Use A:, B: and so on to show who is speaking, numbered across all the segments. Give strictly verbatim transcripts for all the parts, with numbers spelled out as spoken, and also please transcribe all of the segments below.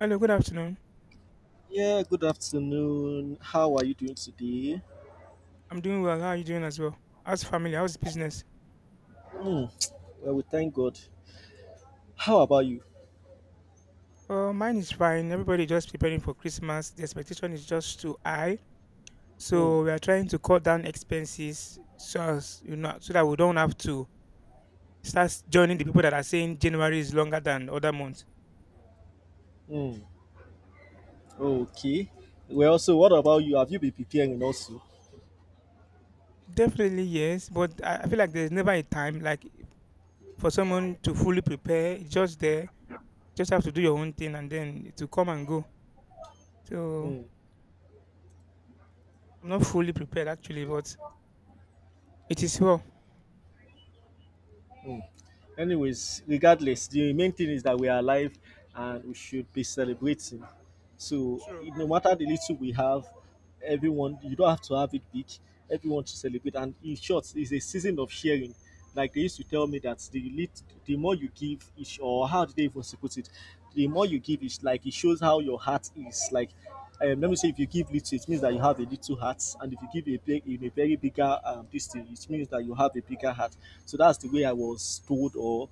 A: Hello, good afternoon.
B: Yeah, good afternoon. How are you doing today?
A: I'm doing well. How are you doing as well? How's family? How's business?
B: Hmm. Well, we thank God. How about you?
A: Uh, mine is fine. Everybody just preparing for Christmas. The expectation is just too high,
B: Hmm.
A: so we are trying to cut down expenses so as you know so that we don't have to start joining the people that are saying January is longer than other months.
B: Hmm. Okay. Well, so what about you? Have you been preparing also?
A: Definitely yes, but I I feel like there's never a time like for someone to fully prepare. It's just there. Just have to do your own thing and then to come and go. So
B: Hmm.
A: I'm not fully prepared actually, but it is well.
B: Anyways, regardless, the main thing is that we are alive and we should be celebrating. So
A: True.
B: no matter the little we have, everyone you don't have to have it big. Everyone should celebrate. And in short, it's a season of sharing. Like they used to tell me that the lit, the more you give, is, or how did they even put it? The more you give, is like it shows how your heart is. Like um, let me say, if you give little, it means that you have a little heart, and if you give a big, in a very bigger um, this thing, it means that you have a bigger heart. So that's the way I was told, or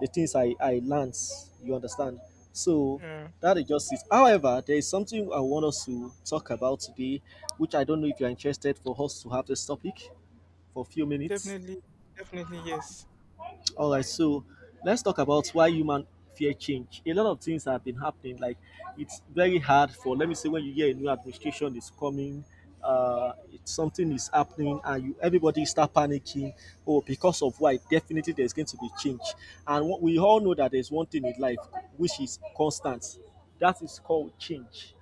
B: the things I, I learned. You understand? So
A: Yeah,
B: that is just it. However, there is something I want us to talk about today, which I don't know if you're interested for us to have this topic for a few minutes.
A: definitely, definitely, yes.
B: All right, so let's talk about why human fear change. A lot of things have been happening. Like it's very hard for, let me say, when you hear a new administration is coming, uh, it's, something is happening, and you everybody start panicking. Oh, because of why? Definitely, there's going to be change. And what, we all know that there's one thing in life which is constant. That is called change.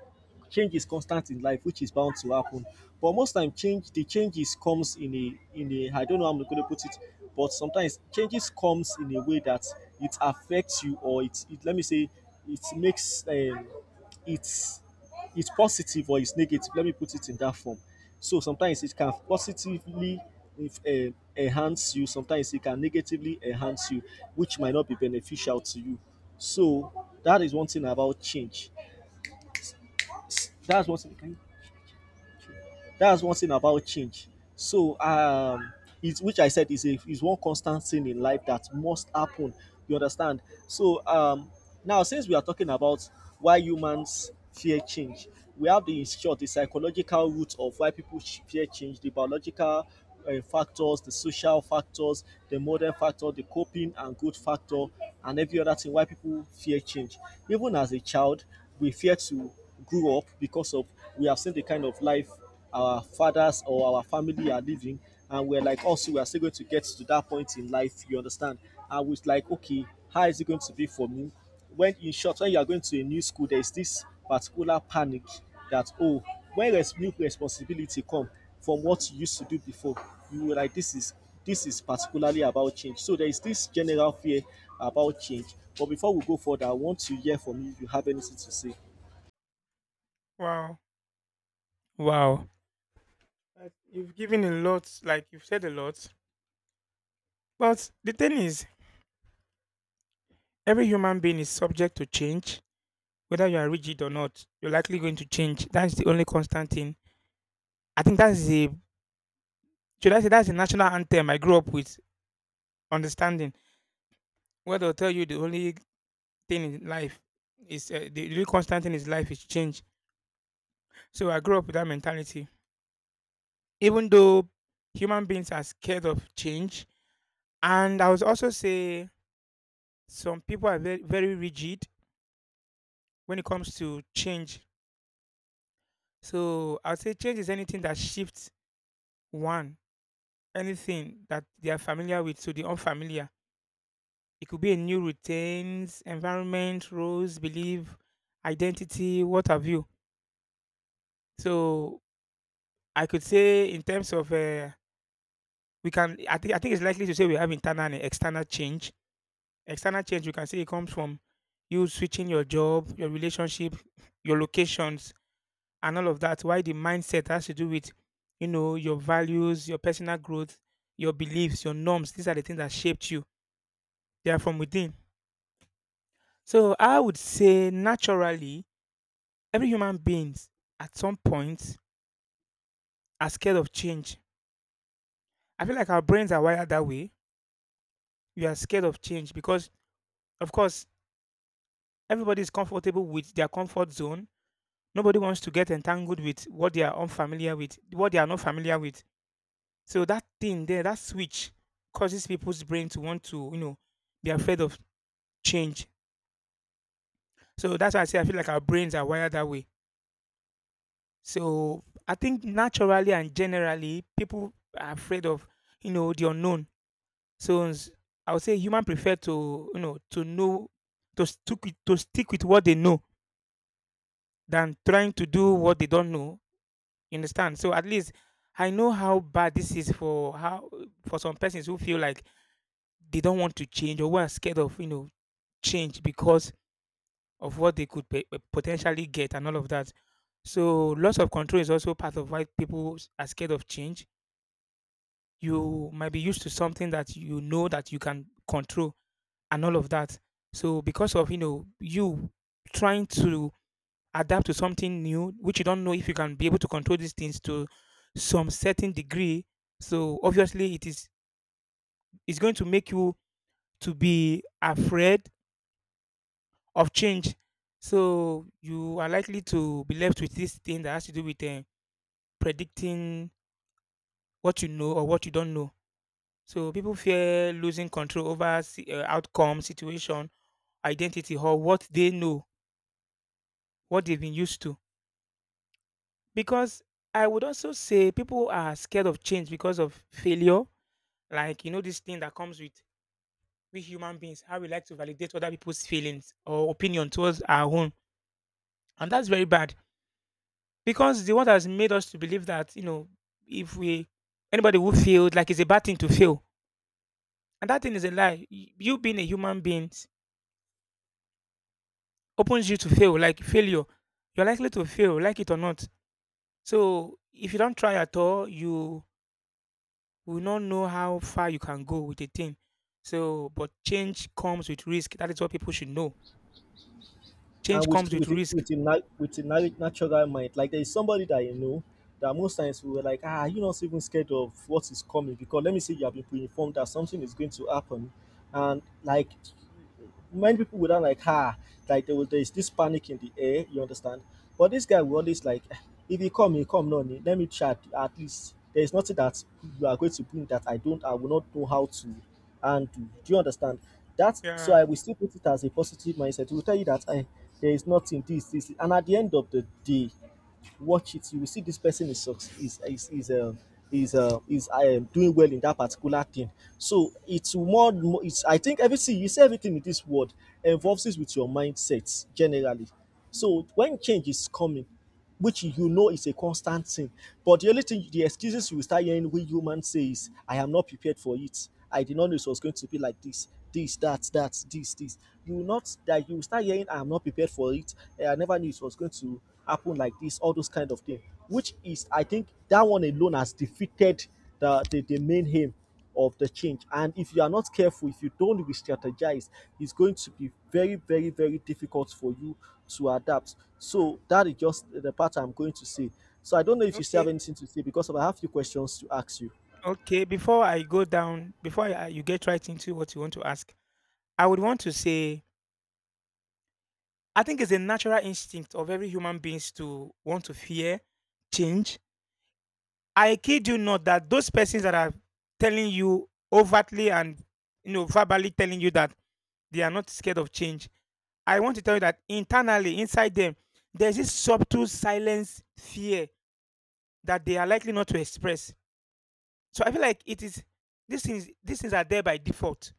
B: Change is constant in life, which is bound to happen, but most time change the changes comes in a in a I don't know how I'm going to put it, but sometimes changes comes in a way that it affects you, or it, it let me say it makes um, it's it's positive or it's negative, let me put it in that form. So sometimes it can positively, if, eh, enhance you. Sometimes it can negatively enhance you, which might not be beneficial to you. So that is one thing about change. that's one thing can you That's one thing about change. So, um, it's which I said is a is one constant thing in life that must happen. You understand? So, um, now since we are talking about why humans fear change, we have, the in short, the psychological root of why people sh- fear change, the biological uh, factors, the social factors, the modern factor, the coping and good factor, and every other thing why people fear change. Even as a child, we fear to grew up because of we have seen the kind of life our fathers or our family are living, and we're like also we are still going to get to that point in life, you understand, and we're like, okay, how is it going to be for me when, in short, when you are going to a new school, there's this particular panic that, oh, when res- new responsibility come from what you used to do before, you were like this is, this is particularly about change. So there is this general fear about change, but before we go further, I want to hear from you if you have anything to say.
A: Wow, wow. Uh, You've given a lot, like you've said a lot. But the thing is, every human being is subject to change, whether you are rigid or not. You're likely going to change. That's the only constant thing. I think that's the should I say that's the national anthem I grew up with. Understanding where they'll tell you the only thing in life is uh, the only constant thing is life is change. So I grew up with that mentality. Even though human beings are scared of change, and I would also say some people are very, very rigid when it comes to change. So I'd say change is anything that shifts one, anything that they are familiar with to the unfamiliar. It could be a new routines, environment, roles, belief, identity, what have you. So I could say in terms of uh, we can I think I think it's likely to say we have internal and external change. External change we can say it comes from you switching your job, your relationship, your locations and all of that. Why the mindset has to do with, you know, your values, your personal growth, your beliefs, your norms. These are the things that shaped you. They are from within. So I would say naturally, every human beings at some point are scared of change. I feel like our brains are wired that way. We are scared of change because, of course, everybody is comfortable with their comfort zone. Nobody wants to get entangled with what they are unfamiliar with, what they are not familiar with. So that thing there, that switch causes people's brain to want to, you know, be afraid of change. So that's why I say I feel like our brains are wired that way. So I think naturally and generally people are afraid of, you know, the unknown. So s- I would say human prefer to, you know, to know to stick with, to stick with what they know than trying to do what they don't know. You understand? So at least I know how bad this is for how for some persons who feel like they don't want to change or who are scared of, you know, change because of what they could pe- pe- potentially get and all of that. So loss of control is also part of why people s- are scared of change. You might be used to something that you know that you can control and all of that. So because of you know you trying to adapt to something new, which you don't know if you can be able to control these things to some certain degree. So obviously it is it's going to make you to be afraid of change. So you are likely to be left with this thing that has to do with uh, predicting what you know or what you don't know. So people fear losing control over si- uh, outcome, situation, identity, or what they know, what they've been used to. Because I would also say people are scared of change because of failure. Like you know this thing that comes with we human beings, how we like to validate other people's feelings or opinion towards our own, and that's very bad. Because the world has made us to believe that, you know, if we anybody who failed, like it's a bad thing to fail. And that thing is a lie. Y- You being a human being opens you to fail, like failure. You're likely to fail, like it or not. So if you don't try at all, you will not know how far you can go with a thing. So but change comes with risk. That is what people should know.
B: And
A: Change
B: with
A: comes
B: with
A: with
B: the-
A: risk.
B: with a, na- with a na- natural mind. Like there is somebody that you know that most times we were like, ah, you're not even scared of what is coming, because let me say you have been pre-informed that something is going to happen, and like many people would have like, ah, like there was there's this panic in the air, you understand, but this guy will always like, "Ah, if you come you come, no need, let me chat. At least there is nothing that you are going to bring that i don't I will not know how to handle. Do you understand that?" So
A: Yeah.
B: I will still put it as a positive mindset to tell you that I, there is nothing this this, and at the end of the day, watch it, you will see this person is is is is um is uh, is um, doing well in that particular thing. So it's more. It's, I think, everything you see, everything in this world involves it with your mindset generally. So when change is coming, which you know is a constant thing, but the only thing, the excuses you will start hearing when human says, "I am not prepared for it. I did not know it was going to be like this." This, that, that, this, this. You will not that you will start hearing. I am not prepared for it. I never knew it was going to happen like this, all those kind of things. Which is, I think, that one alone has defeated the, the, the main aim of the change. And if you are not careful, if you don't re strategize, it's going to be very, very, very difficult for you to adapt. So that is just the part I'm going to say. So I don't know if you still have
A: Okay.
B: anything to say because I have a few questions to ask you.
A: Okay. Before I go down, before I, you get right into what you want to ask, I would want to say I think it's a natural instinct of every human beings to want to fear change. I kid you not that those persons that are telling you overtly and you know verbally telling you that they are not scared of change. I want to tell you that internally inside them there's this subtle silence fear that they are likely not to express. So I feel like it is these things these things are there by default.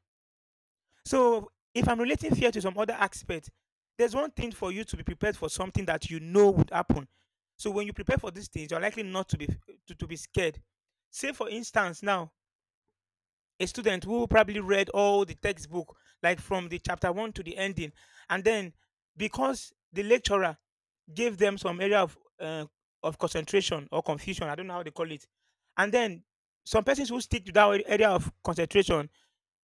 A: So if I'm relating fear to some other aspect, there's one thing for you to be prepared for something that you know would happen. So when you prepare for these things, you're likely not to be to, to be scared. Say for instance, now a student who probably read all the textbook, like from the chapter one to the ending, and then because the lecturer gave them some area of uh, of concentration or confusion, I don't know how they call it, and then some persons who stick to that area of concentration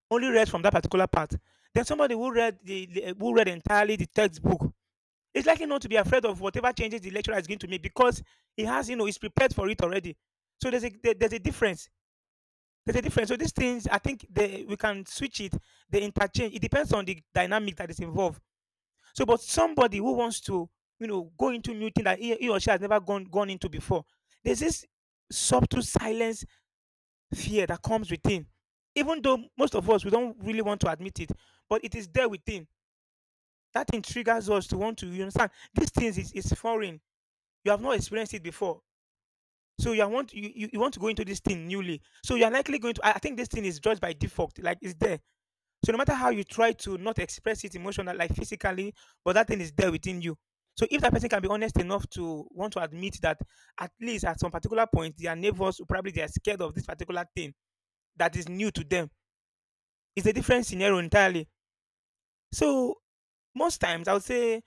A: only read from that particular part. Then somebody who read the, the- who read entirely the textbook is likely not to be afraid of whatever changes the lecturer is going to make because he has you know he's prepared for it already. So there's a there- there's a difference. There's a difference. So these things, I think they, we can switch it. They interchange. It depends on the dynamic that is involved. So, but somebody who wants to you know go into new thing that he, he or she has never gone gone into before, there's this subtle silence fear that comes within. Even though most of us we don't really want to admit it, but it is there within. That thing triggers us to want to you understand these things is, is foreign. You have not experienced it before. So you are want you, you, you want to go into this thing newly. So you are likely going to I I think this thing is judged by default, like it's there. So no matter how you try to not express it emotionally, like physically, but that thing is there within you. So if that person can be honest enough to want to admit that at least at some particular point their neighbors will probably they are scared of this particular thing that is new to them. It's a different scenario entirely. So most times I would say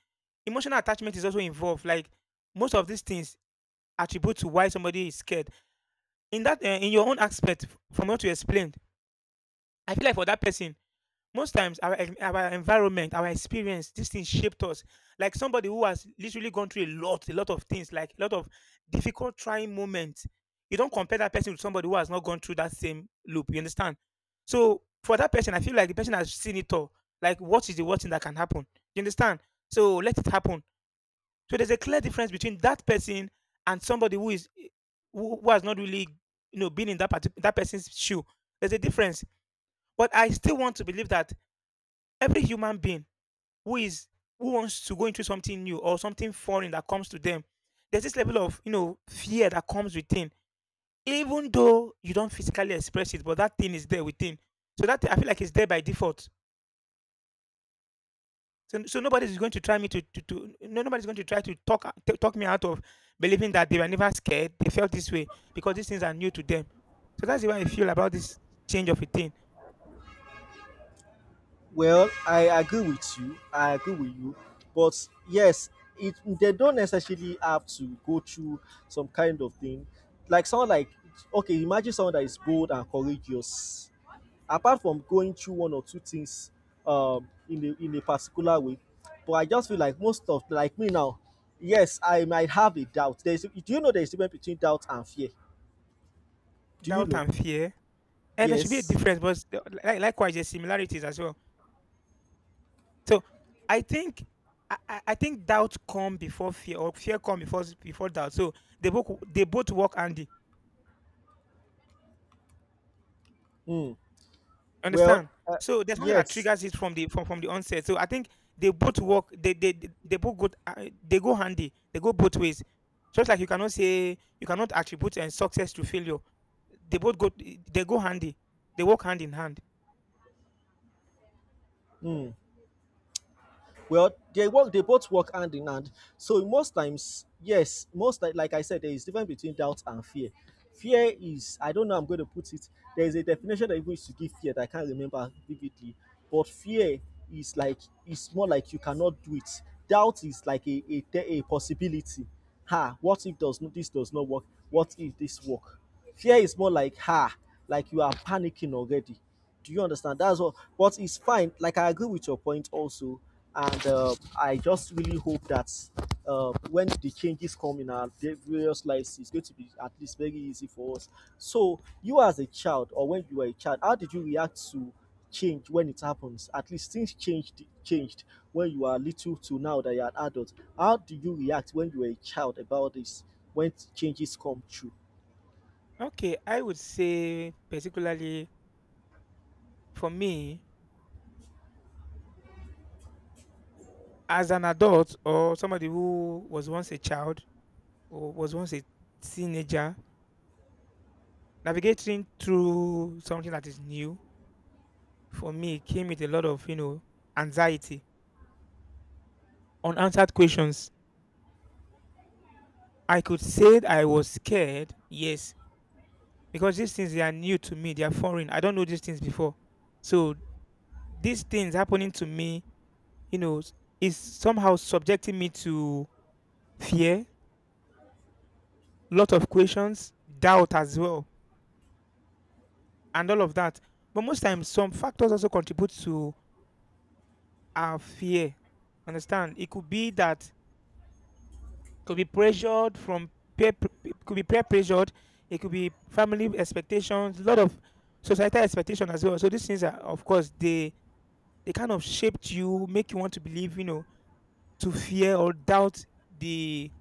A: emotional attachment is also involved. Like most of these things attribute to why somebody is scared. In that, uh, in your own aspect, from what you explained, I feel like for that person, most times, our en- our environment, our experience, this thing shaped us. Like somebody who has literally gone through a lot, a lot of things, like a lot of difficult, trying moments. You don't compare that person with somebody who has not gone through that same loop. You understand? So for that person, I feel like the person has seen it all. Like, what is the worst thing that can happen? You understand? So let it happen. So there's a clear difference between that person and somebody who is who, who has not really, you know, been in that parti- that person's shoe. There's a difference. But I still want to believe that every human being who is who wants to go into something new or something foreign that comes to them, there's this level of you know fear that comes within, even though you don't physically express it, but that thing is there within. So that I feel like it's there by default. So, so nobody's going to try me to, to, to no, nobody's going to try to talk t- talk me out of believing that they were never scared. They felt this way because these things are new to them. So that's the way I feel about this change of a thing,
B: Well, I agree with you. I agree with you. But yes, it they don't necessarily have to go through some kind of thing. Like someone like, okay, imagine someone that is bold and courageous. Apart from going through one or two things um in a in a particular way. But I just feel like most of like me now, yes, I might have a doubt. There's, do you know there's difference between doubt and fear? Do you
A: doubt
B: know?
A: and fear. And there should be a
B: Yes.
A: difference, but s- like, likewise, there's similarities as well. So I think I, I I think doubt come before fear, or fear come before s- before doubt. So they both w- they both work handy.
B: Hmm. Well,
A: Understand?
B: uh,
A: So there's something that
B: yes.
A: triggers it from the from, from the onset. So I think they both work. They they they they both go uh, they go handy. They go both ways. Just like you cannot say you cannot attribute and success to failure. They both go they go handy. They work hand in hand.
B: Well, they work. They both work hand in hand. So most times, yes, most like, like I said, there is difference between doubt and fear. Fear is, I don't know. I'm going to put it. There is a definition that even used to give fear that I can't remember vividly. But fear is like, it's more like you cannot do it. Doubt is like a a, te- a possibility. Ha! What if does not this does not work? What if this work? Fear is more like, ha, like you are panicking already. Do you understand? That's what. But it's fine. Like I agree with your point also, and uh, I just really hope that uh, when the changes come in our da- various lives, it's going to be at least very easy for us. So you as a child, or when you were a child, how did you react to change when it happens? At least things changed changed when you are little to now that you are an adult. How do you react when you were a child about this when changes come true?
A: Okay, I would say particularly for me as an adult or somebody who was once a child wa- was once a teenager, navigating through something that is new for me came with a lot of, you know, anxiety, unanswered questions. I could say that I was scared, yes, because these things they are new to me, they are foreign. I don't know these things before. So these things happening to me, you know, s- is somehow subjecting me to fear, lot of questions, doubt as well, and all of that. But most times some factors also contribute to our fear. Understand? It could be that could be pressured from peer, pr- p- could be peer pressured. It could be family expectations, a lot of societal expectation as well. So these things are, of course, they they kind of shaped you, make you want to believe, you know, to fear or doubt the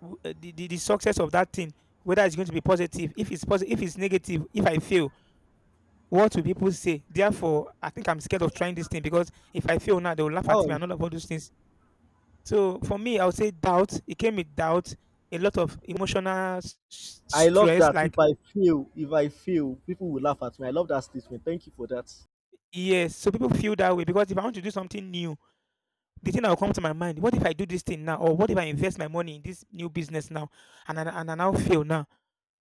A: w- uh, the, the, the success of that thing, whether it's going to be positive. If it's positive, if it's negative, if I fail, what will people say? Therefore, I think I'm scared of trying this thing because if I fail now, they will laugh
B: How
A: at
B: are
A: me
B: you?
A: and all of all those things. So for me, I would say doubt. It came with doubt, a lot of emotional s- s-
B: I love
A: stress.
B: that. If
A: Like
B: I fail, if I fail, people will laugh at me. I love that statement. Thank you for that.
A: yes, so people feel that way because if I want to do something new, the thing that will come to my mind: what if I do this thing now, or what if I invest my money in this new business now, and I, and I now fail now?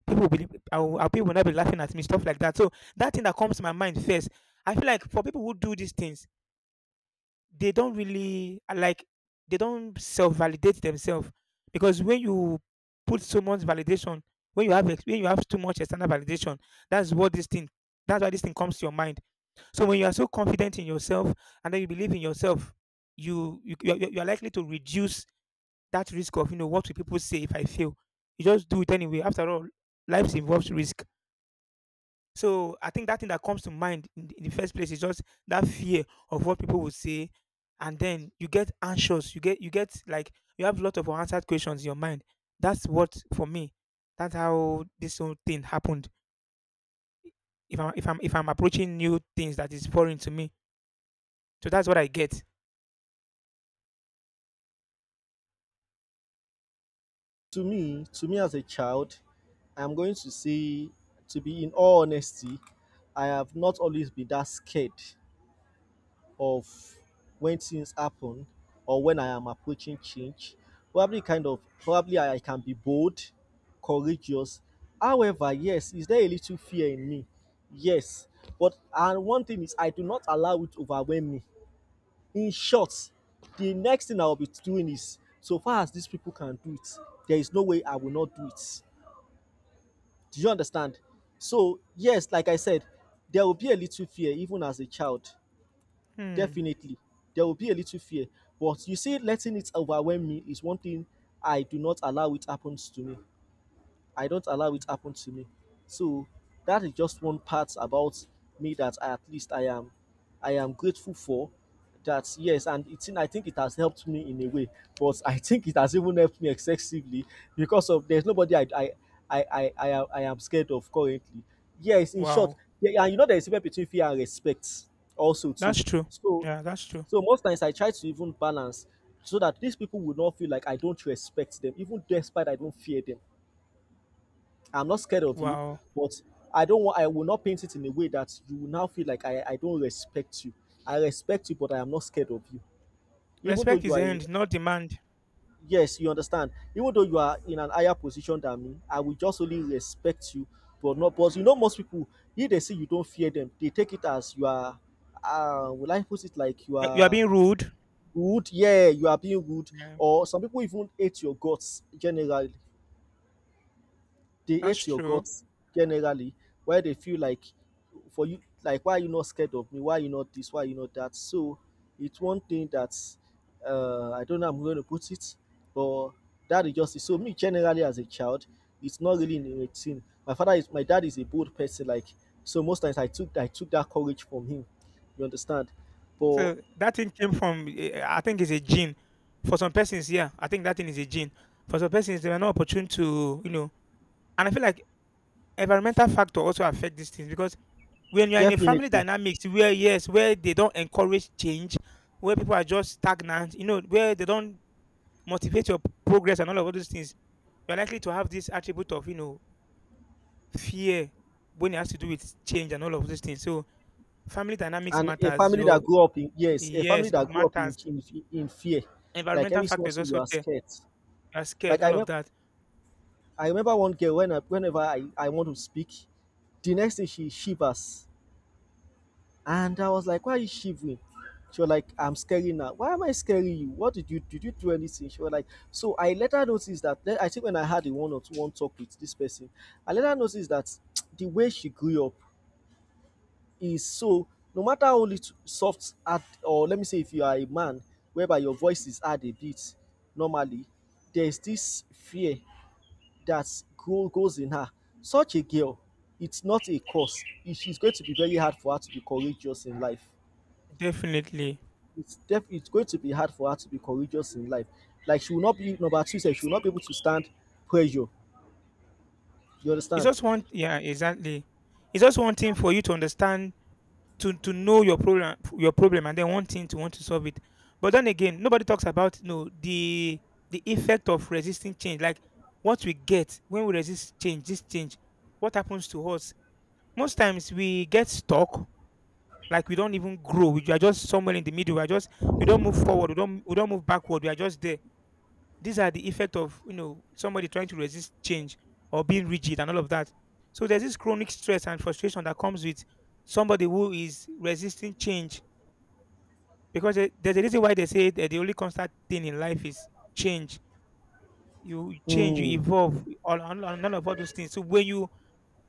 A: People will be, I will, I- people will not be laughing at me, stuff like that. So that thing that comes to my mind first, I feel like for people who do these things they don't really uh, like they don't self-validate themselves because when you put so much validation when you have ex- when you have too much external validation that's what this thing that's why this thing comes to your mind. So when you are so confident in yourself and then you believe in yourself, you you you are you are likely to reduce that risk of, you know, what will people say if I fail? You just do it anyway. After all, life involves risk. So I think that thing that comes to mind in the, in the first place is just that fear of what people will say, and then you get anxious. You get you get like you have a lot of unanswered questions in your mind. That's what for me. That's how this whole thing happened. If I'm if I'm if I'm approaching new things that is foreign to me, so that's what I get.
B: To me, to me as a child, I'm going to say, to be in all honesty, I have not always been that scared of when things happen or when I am approaching change. Probably kind of probably I can be bold, courageous. However, yes, is there a little fear in me? Yes. But and one thing is I do not allow it to overwhelm me. In short, the next thing I will be doing is, so far as these people can do it, there is no way I will not do it. Do you understand? So yes, like I said, there will be a little fear even as a child,
A: Hmm.
B: definitely. There will be a little fear, but you see, letting it overwhelm me is one thing I do not allow it happens to me. I don't allow it happen to me. So that is just one part about me that I, at least I am, I am grateful for. That, yes, and it's in, I think it has helped me in a way, but I think it has even helped me excessively because of there's nobody I I I I, I, am- I am scared of currently. Yes, in short,
A: Wow.
B: yeah. And you know there is a difference between fear and respect also too.
A: That's true.
B: So,
A: Yeah, that's true.
B: so most times I try to even balance so that these people would not feel like I don't respect them, even despite I don't fear them. I'm not scared of you,
A: Wow.
B: but I don't want, I will not paint it in a way that you will now feel like I, I don't respect you. I respect you, but I am not scared of you. Even though
A: Respect
B: you
A: is
B: are a—
A: earned, not demand.
B: yes, you understand. Even though you are in an higher position than me, I will just only respect you, but not but you know most people if they see you don't fear them, they take it as you are uh will I put it like you
A: You are
B: are
A: being rude.
B: rude, yeah, you are being rude,
A: Yeah,
B: or some people even hate your guts generally. They
A: that's
B: hate your
A: true.
B: guts generally, why they feel like for you, like why are you not scared of me? Why are you not this? Why are you not that? So it's one thing that uh, I don't know how I'm going to put it, but that is just it. So me generally as a child, it's not really in a thing. My father is my dad is a bold person, like so most times I took I took that courage from him. You understand? But
A: So that thing came from, eh, I think it's a gene. For some persons, yeah, I think that thing is a gene. For some persons, they were not opportune to, you know, and I feel like environmental factor also affect these things because when you are in a family
B: definitely,
A: dynamics where yes, where they don't encourage change, where people are just stagnant, you know, where they don't motivate your progress and all of all those things, you're likely to have this attribute of, you know, fear when it has to do with change and all of those things. So family dynamics
B: and a
A: matters.
B: family that
A: Your
B: grew up in, yes, a family
A: yes, good
B: that grew up in
A: matters.
B: in, in fear, like
A: Environmental
B: every small
A: factors
B: thing you
A: also
B: are
A: there.
B: scared.
A: Are
B: Like
A: scared,
B: I
A: all of
B: remember,
A: that.
B: I remember one girl, when I, whenever I, I want to speak, the next thing she shivers, and I was like, "Why are you shivering?" She was like, "I'm scary now. Why am I scaring you? What did you did you do anything?" She was like, "So I later noticed that then I think when I had a one or two one talk with this person, I later noticed that the way she grew up is so no matter how little soft at, or let me say, if you are a man whereby your voice is hard a bit normally, there is this fear that go, goes in her. Such a girl, it's not a curse. It- It's going to be very hard for her to be courageous in life.
A: Definitely.
B: It's def- it's going to be hard for her to be courageous in life. Like she will not be number two. She will not be able to stand pressure. You
A: It's
B: understand?
A: just one yeah, exactly. It's just one thing for you to understand to to know your problem your problem and then one thing to want to solve it. But then again, nobody talks about no the the effect of resisting change. Like what we get when we resist change, this change, what happens to us? Most times we get stuck, like we don't even grow. We are just somewhere in the middle. We are just we don't move forward, we don't we don't move backward, we are just there. These are the effect of, you know, somebody trying to resist change or being rigid and all of that. So there's this chronic stress and frustration that comes with somebody who is resisting change, because there- there's a reason why they say that the only constant thing in life is change. You change, you
B: Hmm.
A: evolve, all and and none of all those things. So when you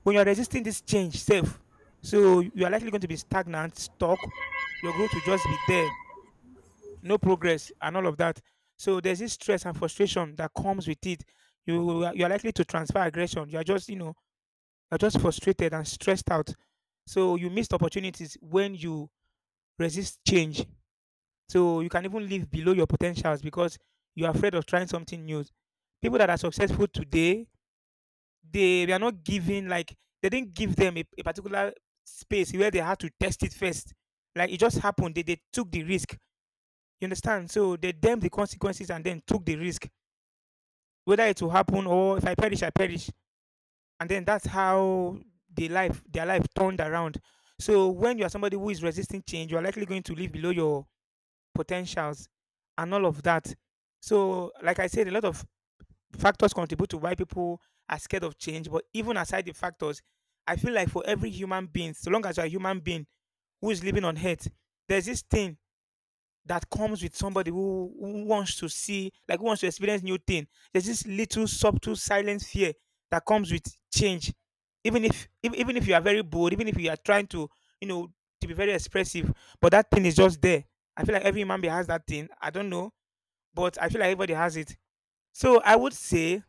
A: when you're resisting this change, self, so you are likely going to be stagnant, stuck. Your growth will just be there, no progress and all of that. So there's this stress and frustration that comes with it. You are- you are likely to transfer aggression. You are just, you know, you're just frustrated and stressed out. So you missed opportunities when you resist change. So you can even live below your potentials because you are afraid of trying something new. People that are successful today, they, they are not given like they didn't give them a, a particular space where they had to test it first. Like it just happened. They, they took the risk. You understand? So they damn the consequences and then took the risk, whether it will happen, or if I perish, I perish. And then that's how the life, their life turned around. So when you are somebody who is resisting change, you are likely going to live below your potentials and all of that. So, like I said, a lot of factors contribute to why people are scared of change. But even aside the factors, I feel like for every human being, so long as you're a human being who is living on earth, there's this thing that comes with somebody who, who wants to see, like who wants to experience new thing. There's this little subtle silent fear that comes with change. Even if even even if you are very bold, even if you are trying to, you know, to be very expressive, but that thing is just there. I feel like every man being has that thing. I don't know, but I feel like everybody has it. So I would say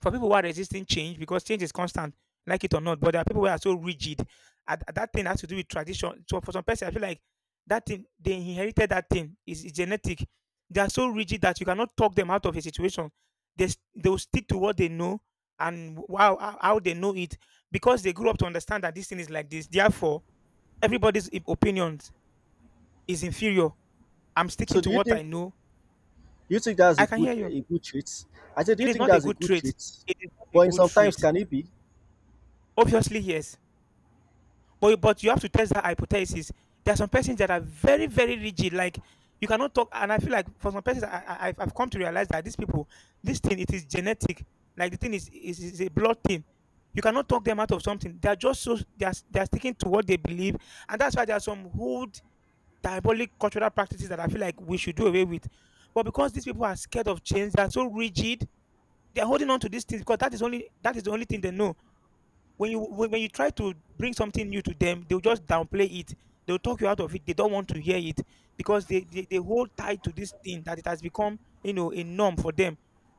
A: for people who are resisting change because change is constant, like it or not. But there are people who are so rigid. At, at that thing has to do with tradition. So for some person, I feel like that thing they inherited that thing is genetic. They are so rigid that you cannot talk them out of a situation. They s- they will stick to what they know and wow how how they know it because they grew up to understand that this thing is like this. Therefore, everybody's i- opinions is inferior. I'm sticking
B: So do
A: to
B: you
A: what I
B: think
A: know.
B: do you think that's a
A: I can hear
B: good
A: you.
B: a good trait? I said, do
A: It
B: you
A: is
B: think
A: not a
B: that's a
A: good
B: good
A: trait.
B: trait?
A: It is not a
B: But in
A: good
B: sometimes
A: trait.
B: can it be?
A: Obviously, yes. But but you have to test that hypothesis. There are some persons that are very very rigid. Like you cannot talk, and I feel like for some persons, I, I I've I've come to realize that these people, this thing, it is genetic. Like the thing is is, is a blood thing. You cannot talk them out of something. They are just so they are they are sticking to what they believe, and that's why there are some hood diabolic cultural practices that I feel like we should do away with. But because these people are scared of change, they are so rigid. They are holding on to these things because that is only that is the only thing they know. When you when, when you try to bring something new to them, they'll just downplay it. They'll talk you out of it. They don't want to hear it because they they, they hold tight to this thing that it has become, you know, a norm for them.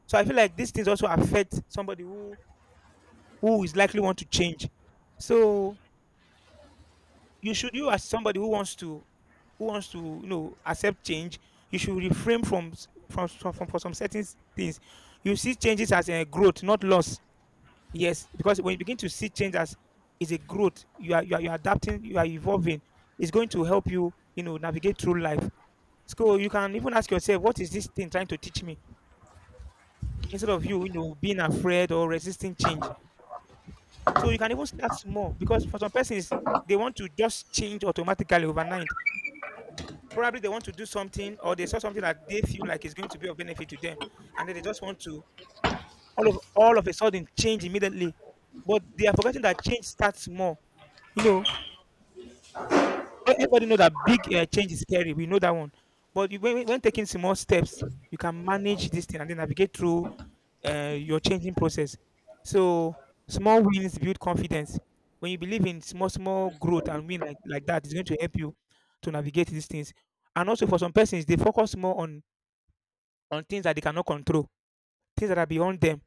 A: So I feel like these things also affect somebody who who is likely want to change. So you should you as somebody who wants to who wants to, you know, accept change. You should refrain from s- from, from, from for some certain things. You see changes as a growth, not loss. Yes, because when you begin to see change as is a growth, you are, you are you are adapting, you are evolving. It's going to help you, you know, navigate through life. So you can even ask yourself, what is this thing trying to teach me? Instead of you, you know, being afraid or resisting change. So you can even start small because for some persons they want to just change automatically overnight. Probably they want to do something or they saw something that they feel like is going to be of benefit to them, and then they just want to all of all of a sudden change immediately. But they are forgetting that change starts small. You know, But everybody know that big uh, change is scary. We know that one. But you, when, when when taking small steps, you can manage this thing and then navigate through uh, your changing process. So small wins build confidence. When you believe in small, small growth and win like, like that, it's going to help you to navigate these things. And also for some persons, they focus more on, on things that they cannot control, things that are beyond them.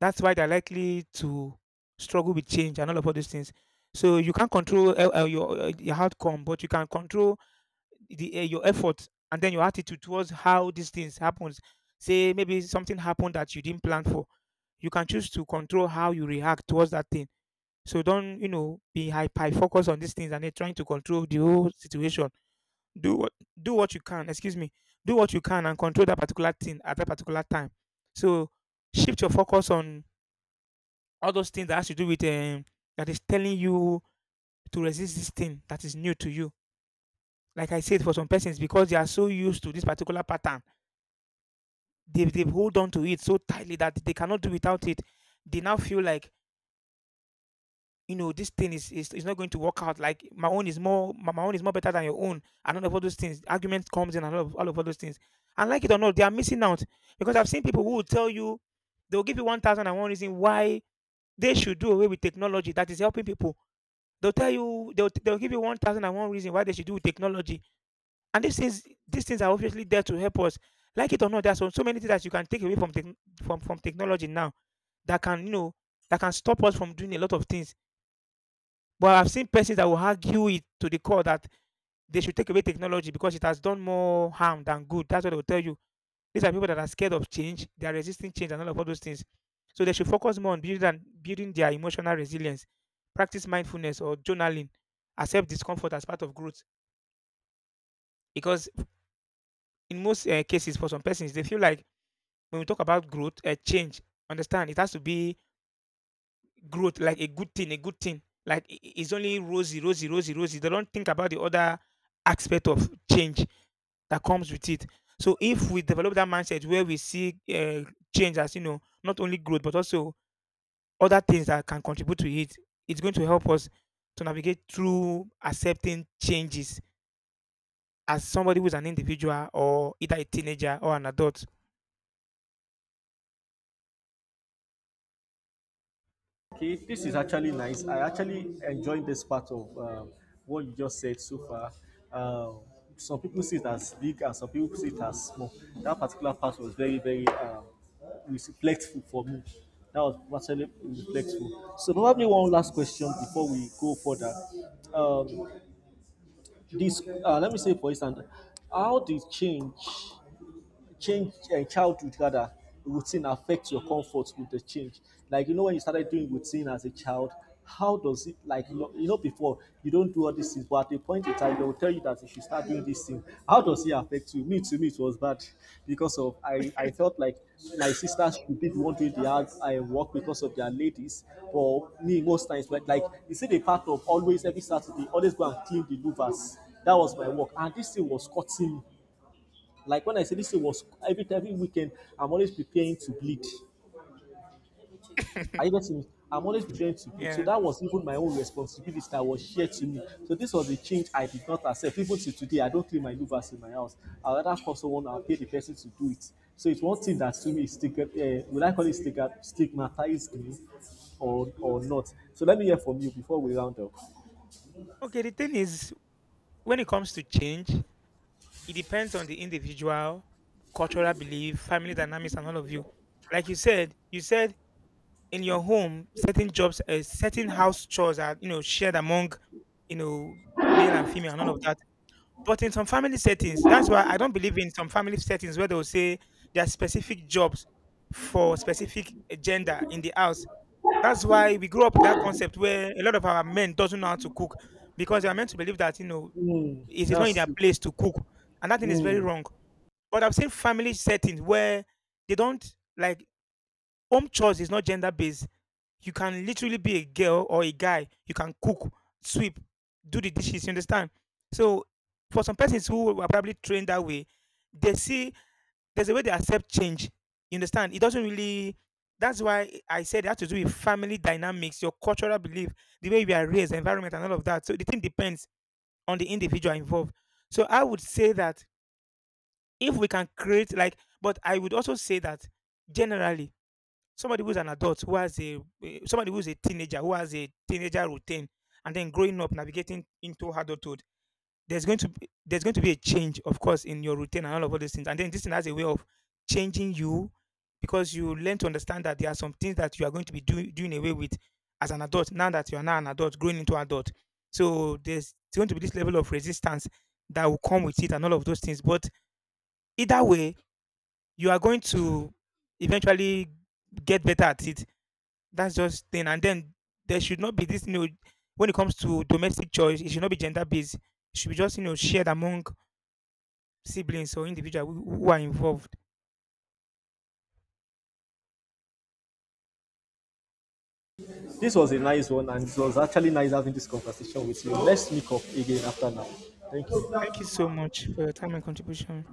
A: That's why they're likely to struggle with change and all of all these things. So you can't control uh, uh, your, uh, your outcome, but you can control the uh, your effort and then your attitude towards how these things happens. Say maybe something happened that you didn't plan for. You can choose to control how you react towards that thing. So don't, you know, be hyper focused on these things and then trying to control the whole situation. Do what do what you can excuse me, do what you can and control that particular thing at that particular time. So shift your focus on all those things that has to do with um, that is telling you to resist this thing that is new to you. Like I said, for some persons, because they are so used to this particular pattern, they they hold on to it so tightly that they cannot do without it. They now feel like, you know, this thing is is, is not going to work out. Like my own is more, my, my own is more better than your own, and all of all those things. Argument comes in and all of all of all those things. And like it or not, they are missing out because I've seen people who will tell you they'll give you one thousand and one reason why they should do away with technology that is helping people. They'll tell you they'll they'll give you one thousand and one reason why they should do with technology, and these things these things are obviously there to help us. Like it or not, there's so so many things that you can take away from techn from from technology now that can, you know, that can stop us from doing a lot of things. But I've seen persons that will argue it to the core that they should take away technology because it has done more harm than good. That's what they will tell you. These are people that are scared of change. They are resisting change and all of all those things. So they should focus more on building than building their emotional resilience, practice mindfulness or journaling, accept discomfort as part of growth. Because in most uh, cases, for some persons, they feel like when we talk about growth, uh, change, understand it has to be growth like a good thing, a good thing. Like i- i- it's only rosy, rosy, rosy, rosy. They don't think about the other aspect of change that comes with it. So if we develop that mindset where we see uh, change as, you know, not only growth but also other things that can contribute to it, it's going to help us to navigate through accepting changes as somebody who's an individual or either a teenager or an adult.
B: Okay, this is actually nice. I actually enjoyed this part of um, what you just said so far. Um, some people see it as big and some people see it as small. That particular part was very, very um, reflectful for me. That was actually reflectful. So probably one last question before we go further. Um, this, uh, let me say, for instance, how did change change uh, childhood rather routine affects your comfort with the change, like you know, when you started doing routine as a child, how does it, like you know, you know, before you don't do all these things, but at a point in time they will tell you that you should start doing this thing, how does it affect you? Me, to me it was bad because of, i i felt like my sisters should be the one doing the hard I work because of their ladies, but me most times, like like you see the part of always every Saturday always go and clean the louvers. That was my work, and this thing was cutting me. Like when I say this thing was every every weekend, I'm always preparing to bleed. Are you getting me? I'm always preparing to bleed. So
A: Yeah.
B: that was even my own responsibility that was shared to me. So this was a change I did not accept. Even till today, I don't clean my louvers in my house. I rather call someone and pay the person to do it. So it's one thing that to me is stigma. Uh, will I call it stigma, stigmatized me or or not? So let me hear from you before we round up.
A: Okay. The thing is, when it comes to change, it depends on the individual, cultural belief, family dynamics, and all of you. Like you said, you said in your home, certain jobs, uh, certain house chores are, you know, shared among, you know, male and female and all of that. But in some family settings, that's why I don't believe in some family settings where they'll say there are specific jobs for specific uh, gender in the house. That's why we grew up with that concept where a lot of our men doesn't know how to cook because they are meant to believe that, you know,
B: Mm,
A: it is not in
B: that's
A: their
B: true.
A: place to cook, and that thing is very
B: Mm.
A: wrong. But I've seen family settings where they don't, like, home chores is not gender based. You can literally be a girl or a guy. You can cook, sweep, do the dishes. You understand? So for some persons who were probably trained that way, they see there's a way they accept change. You understand? It doesn't really. That's why I said it has to do with family dynamics, your cultural belief, the way we are raised, environment, and all of that. So the thing depends on the individual involved. So I would say that if we can create like but I would also say that generally somebody who's an adult who has a eh, somebody who's a teenager who has a teenager routine and then growing up navigating into adulthood, there's going to be there's going to be a change, of course, in your routine and all of all those things. And then this thing has a way of changing you because you learn to understand that there are some things that you are going to be doing doing away with as an adult, now that you are now an adult growing into adult. So there's going to be this level of resistance that will come with it and all of those things. But either way, you are going to eventually get better at it. That's just thing. And then there should not be this, you know, when it comes to domestic choice, it should not be gender based. It should be just, you know, shared among siblings or individuals who who are involved.
B: This was a nice one, and it was actually nice having this conversation with you. Let's meet up again after now. Thank you.
A: Thank you so much for your time and contribution.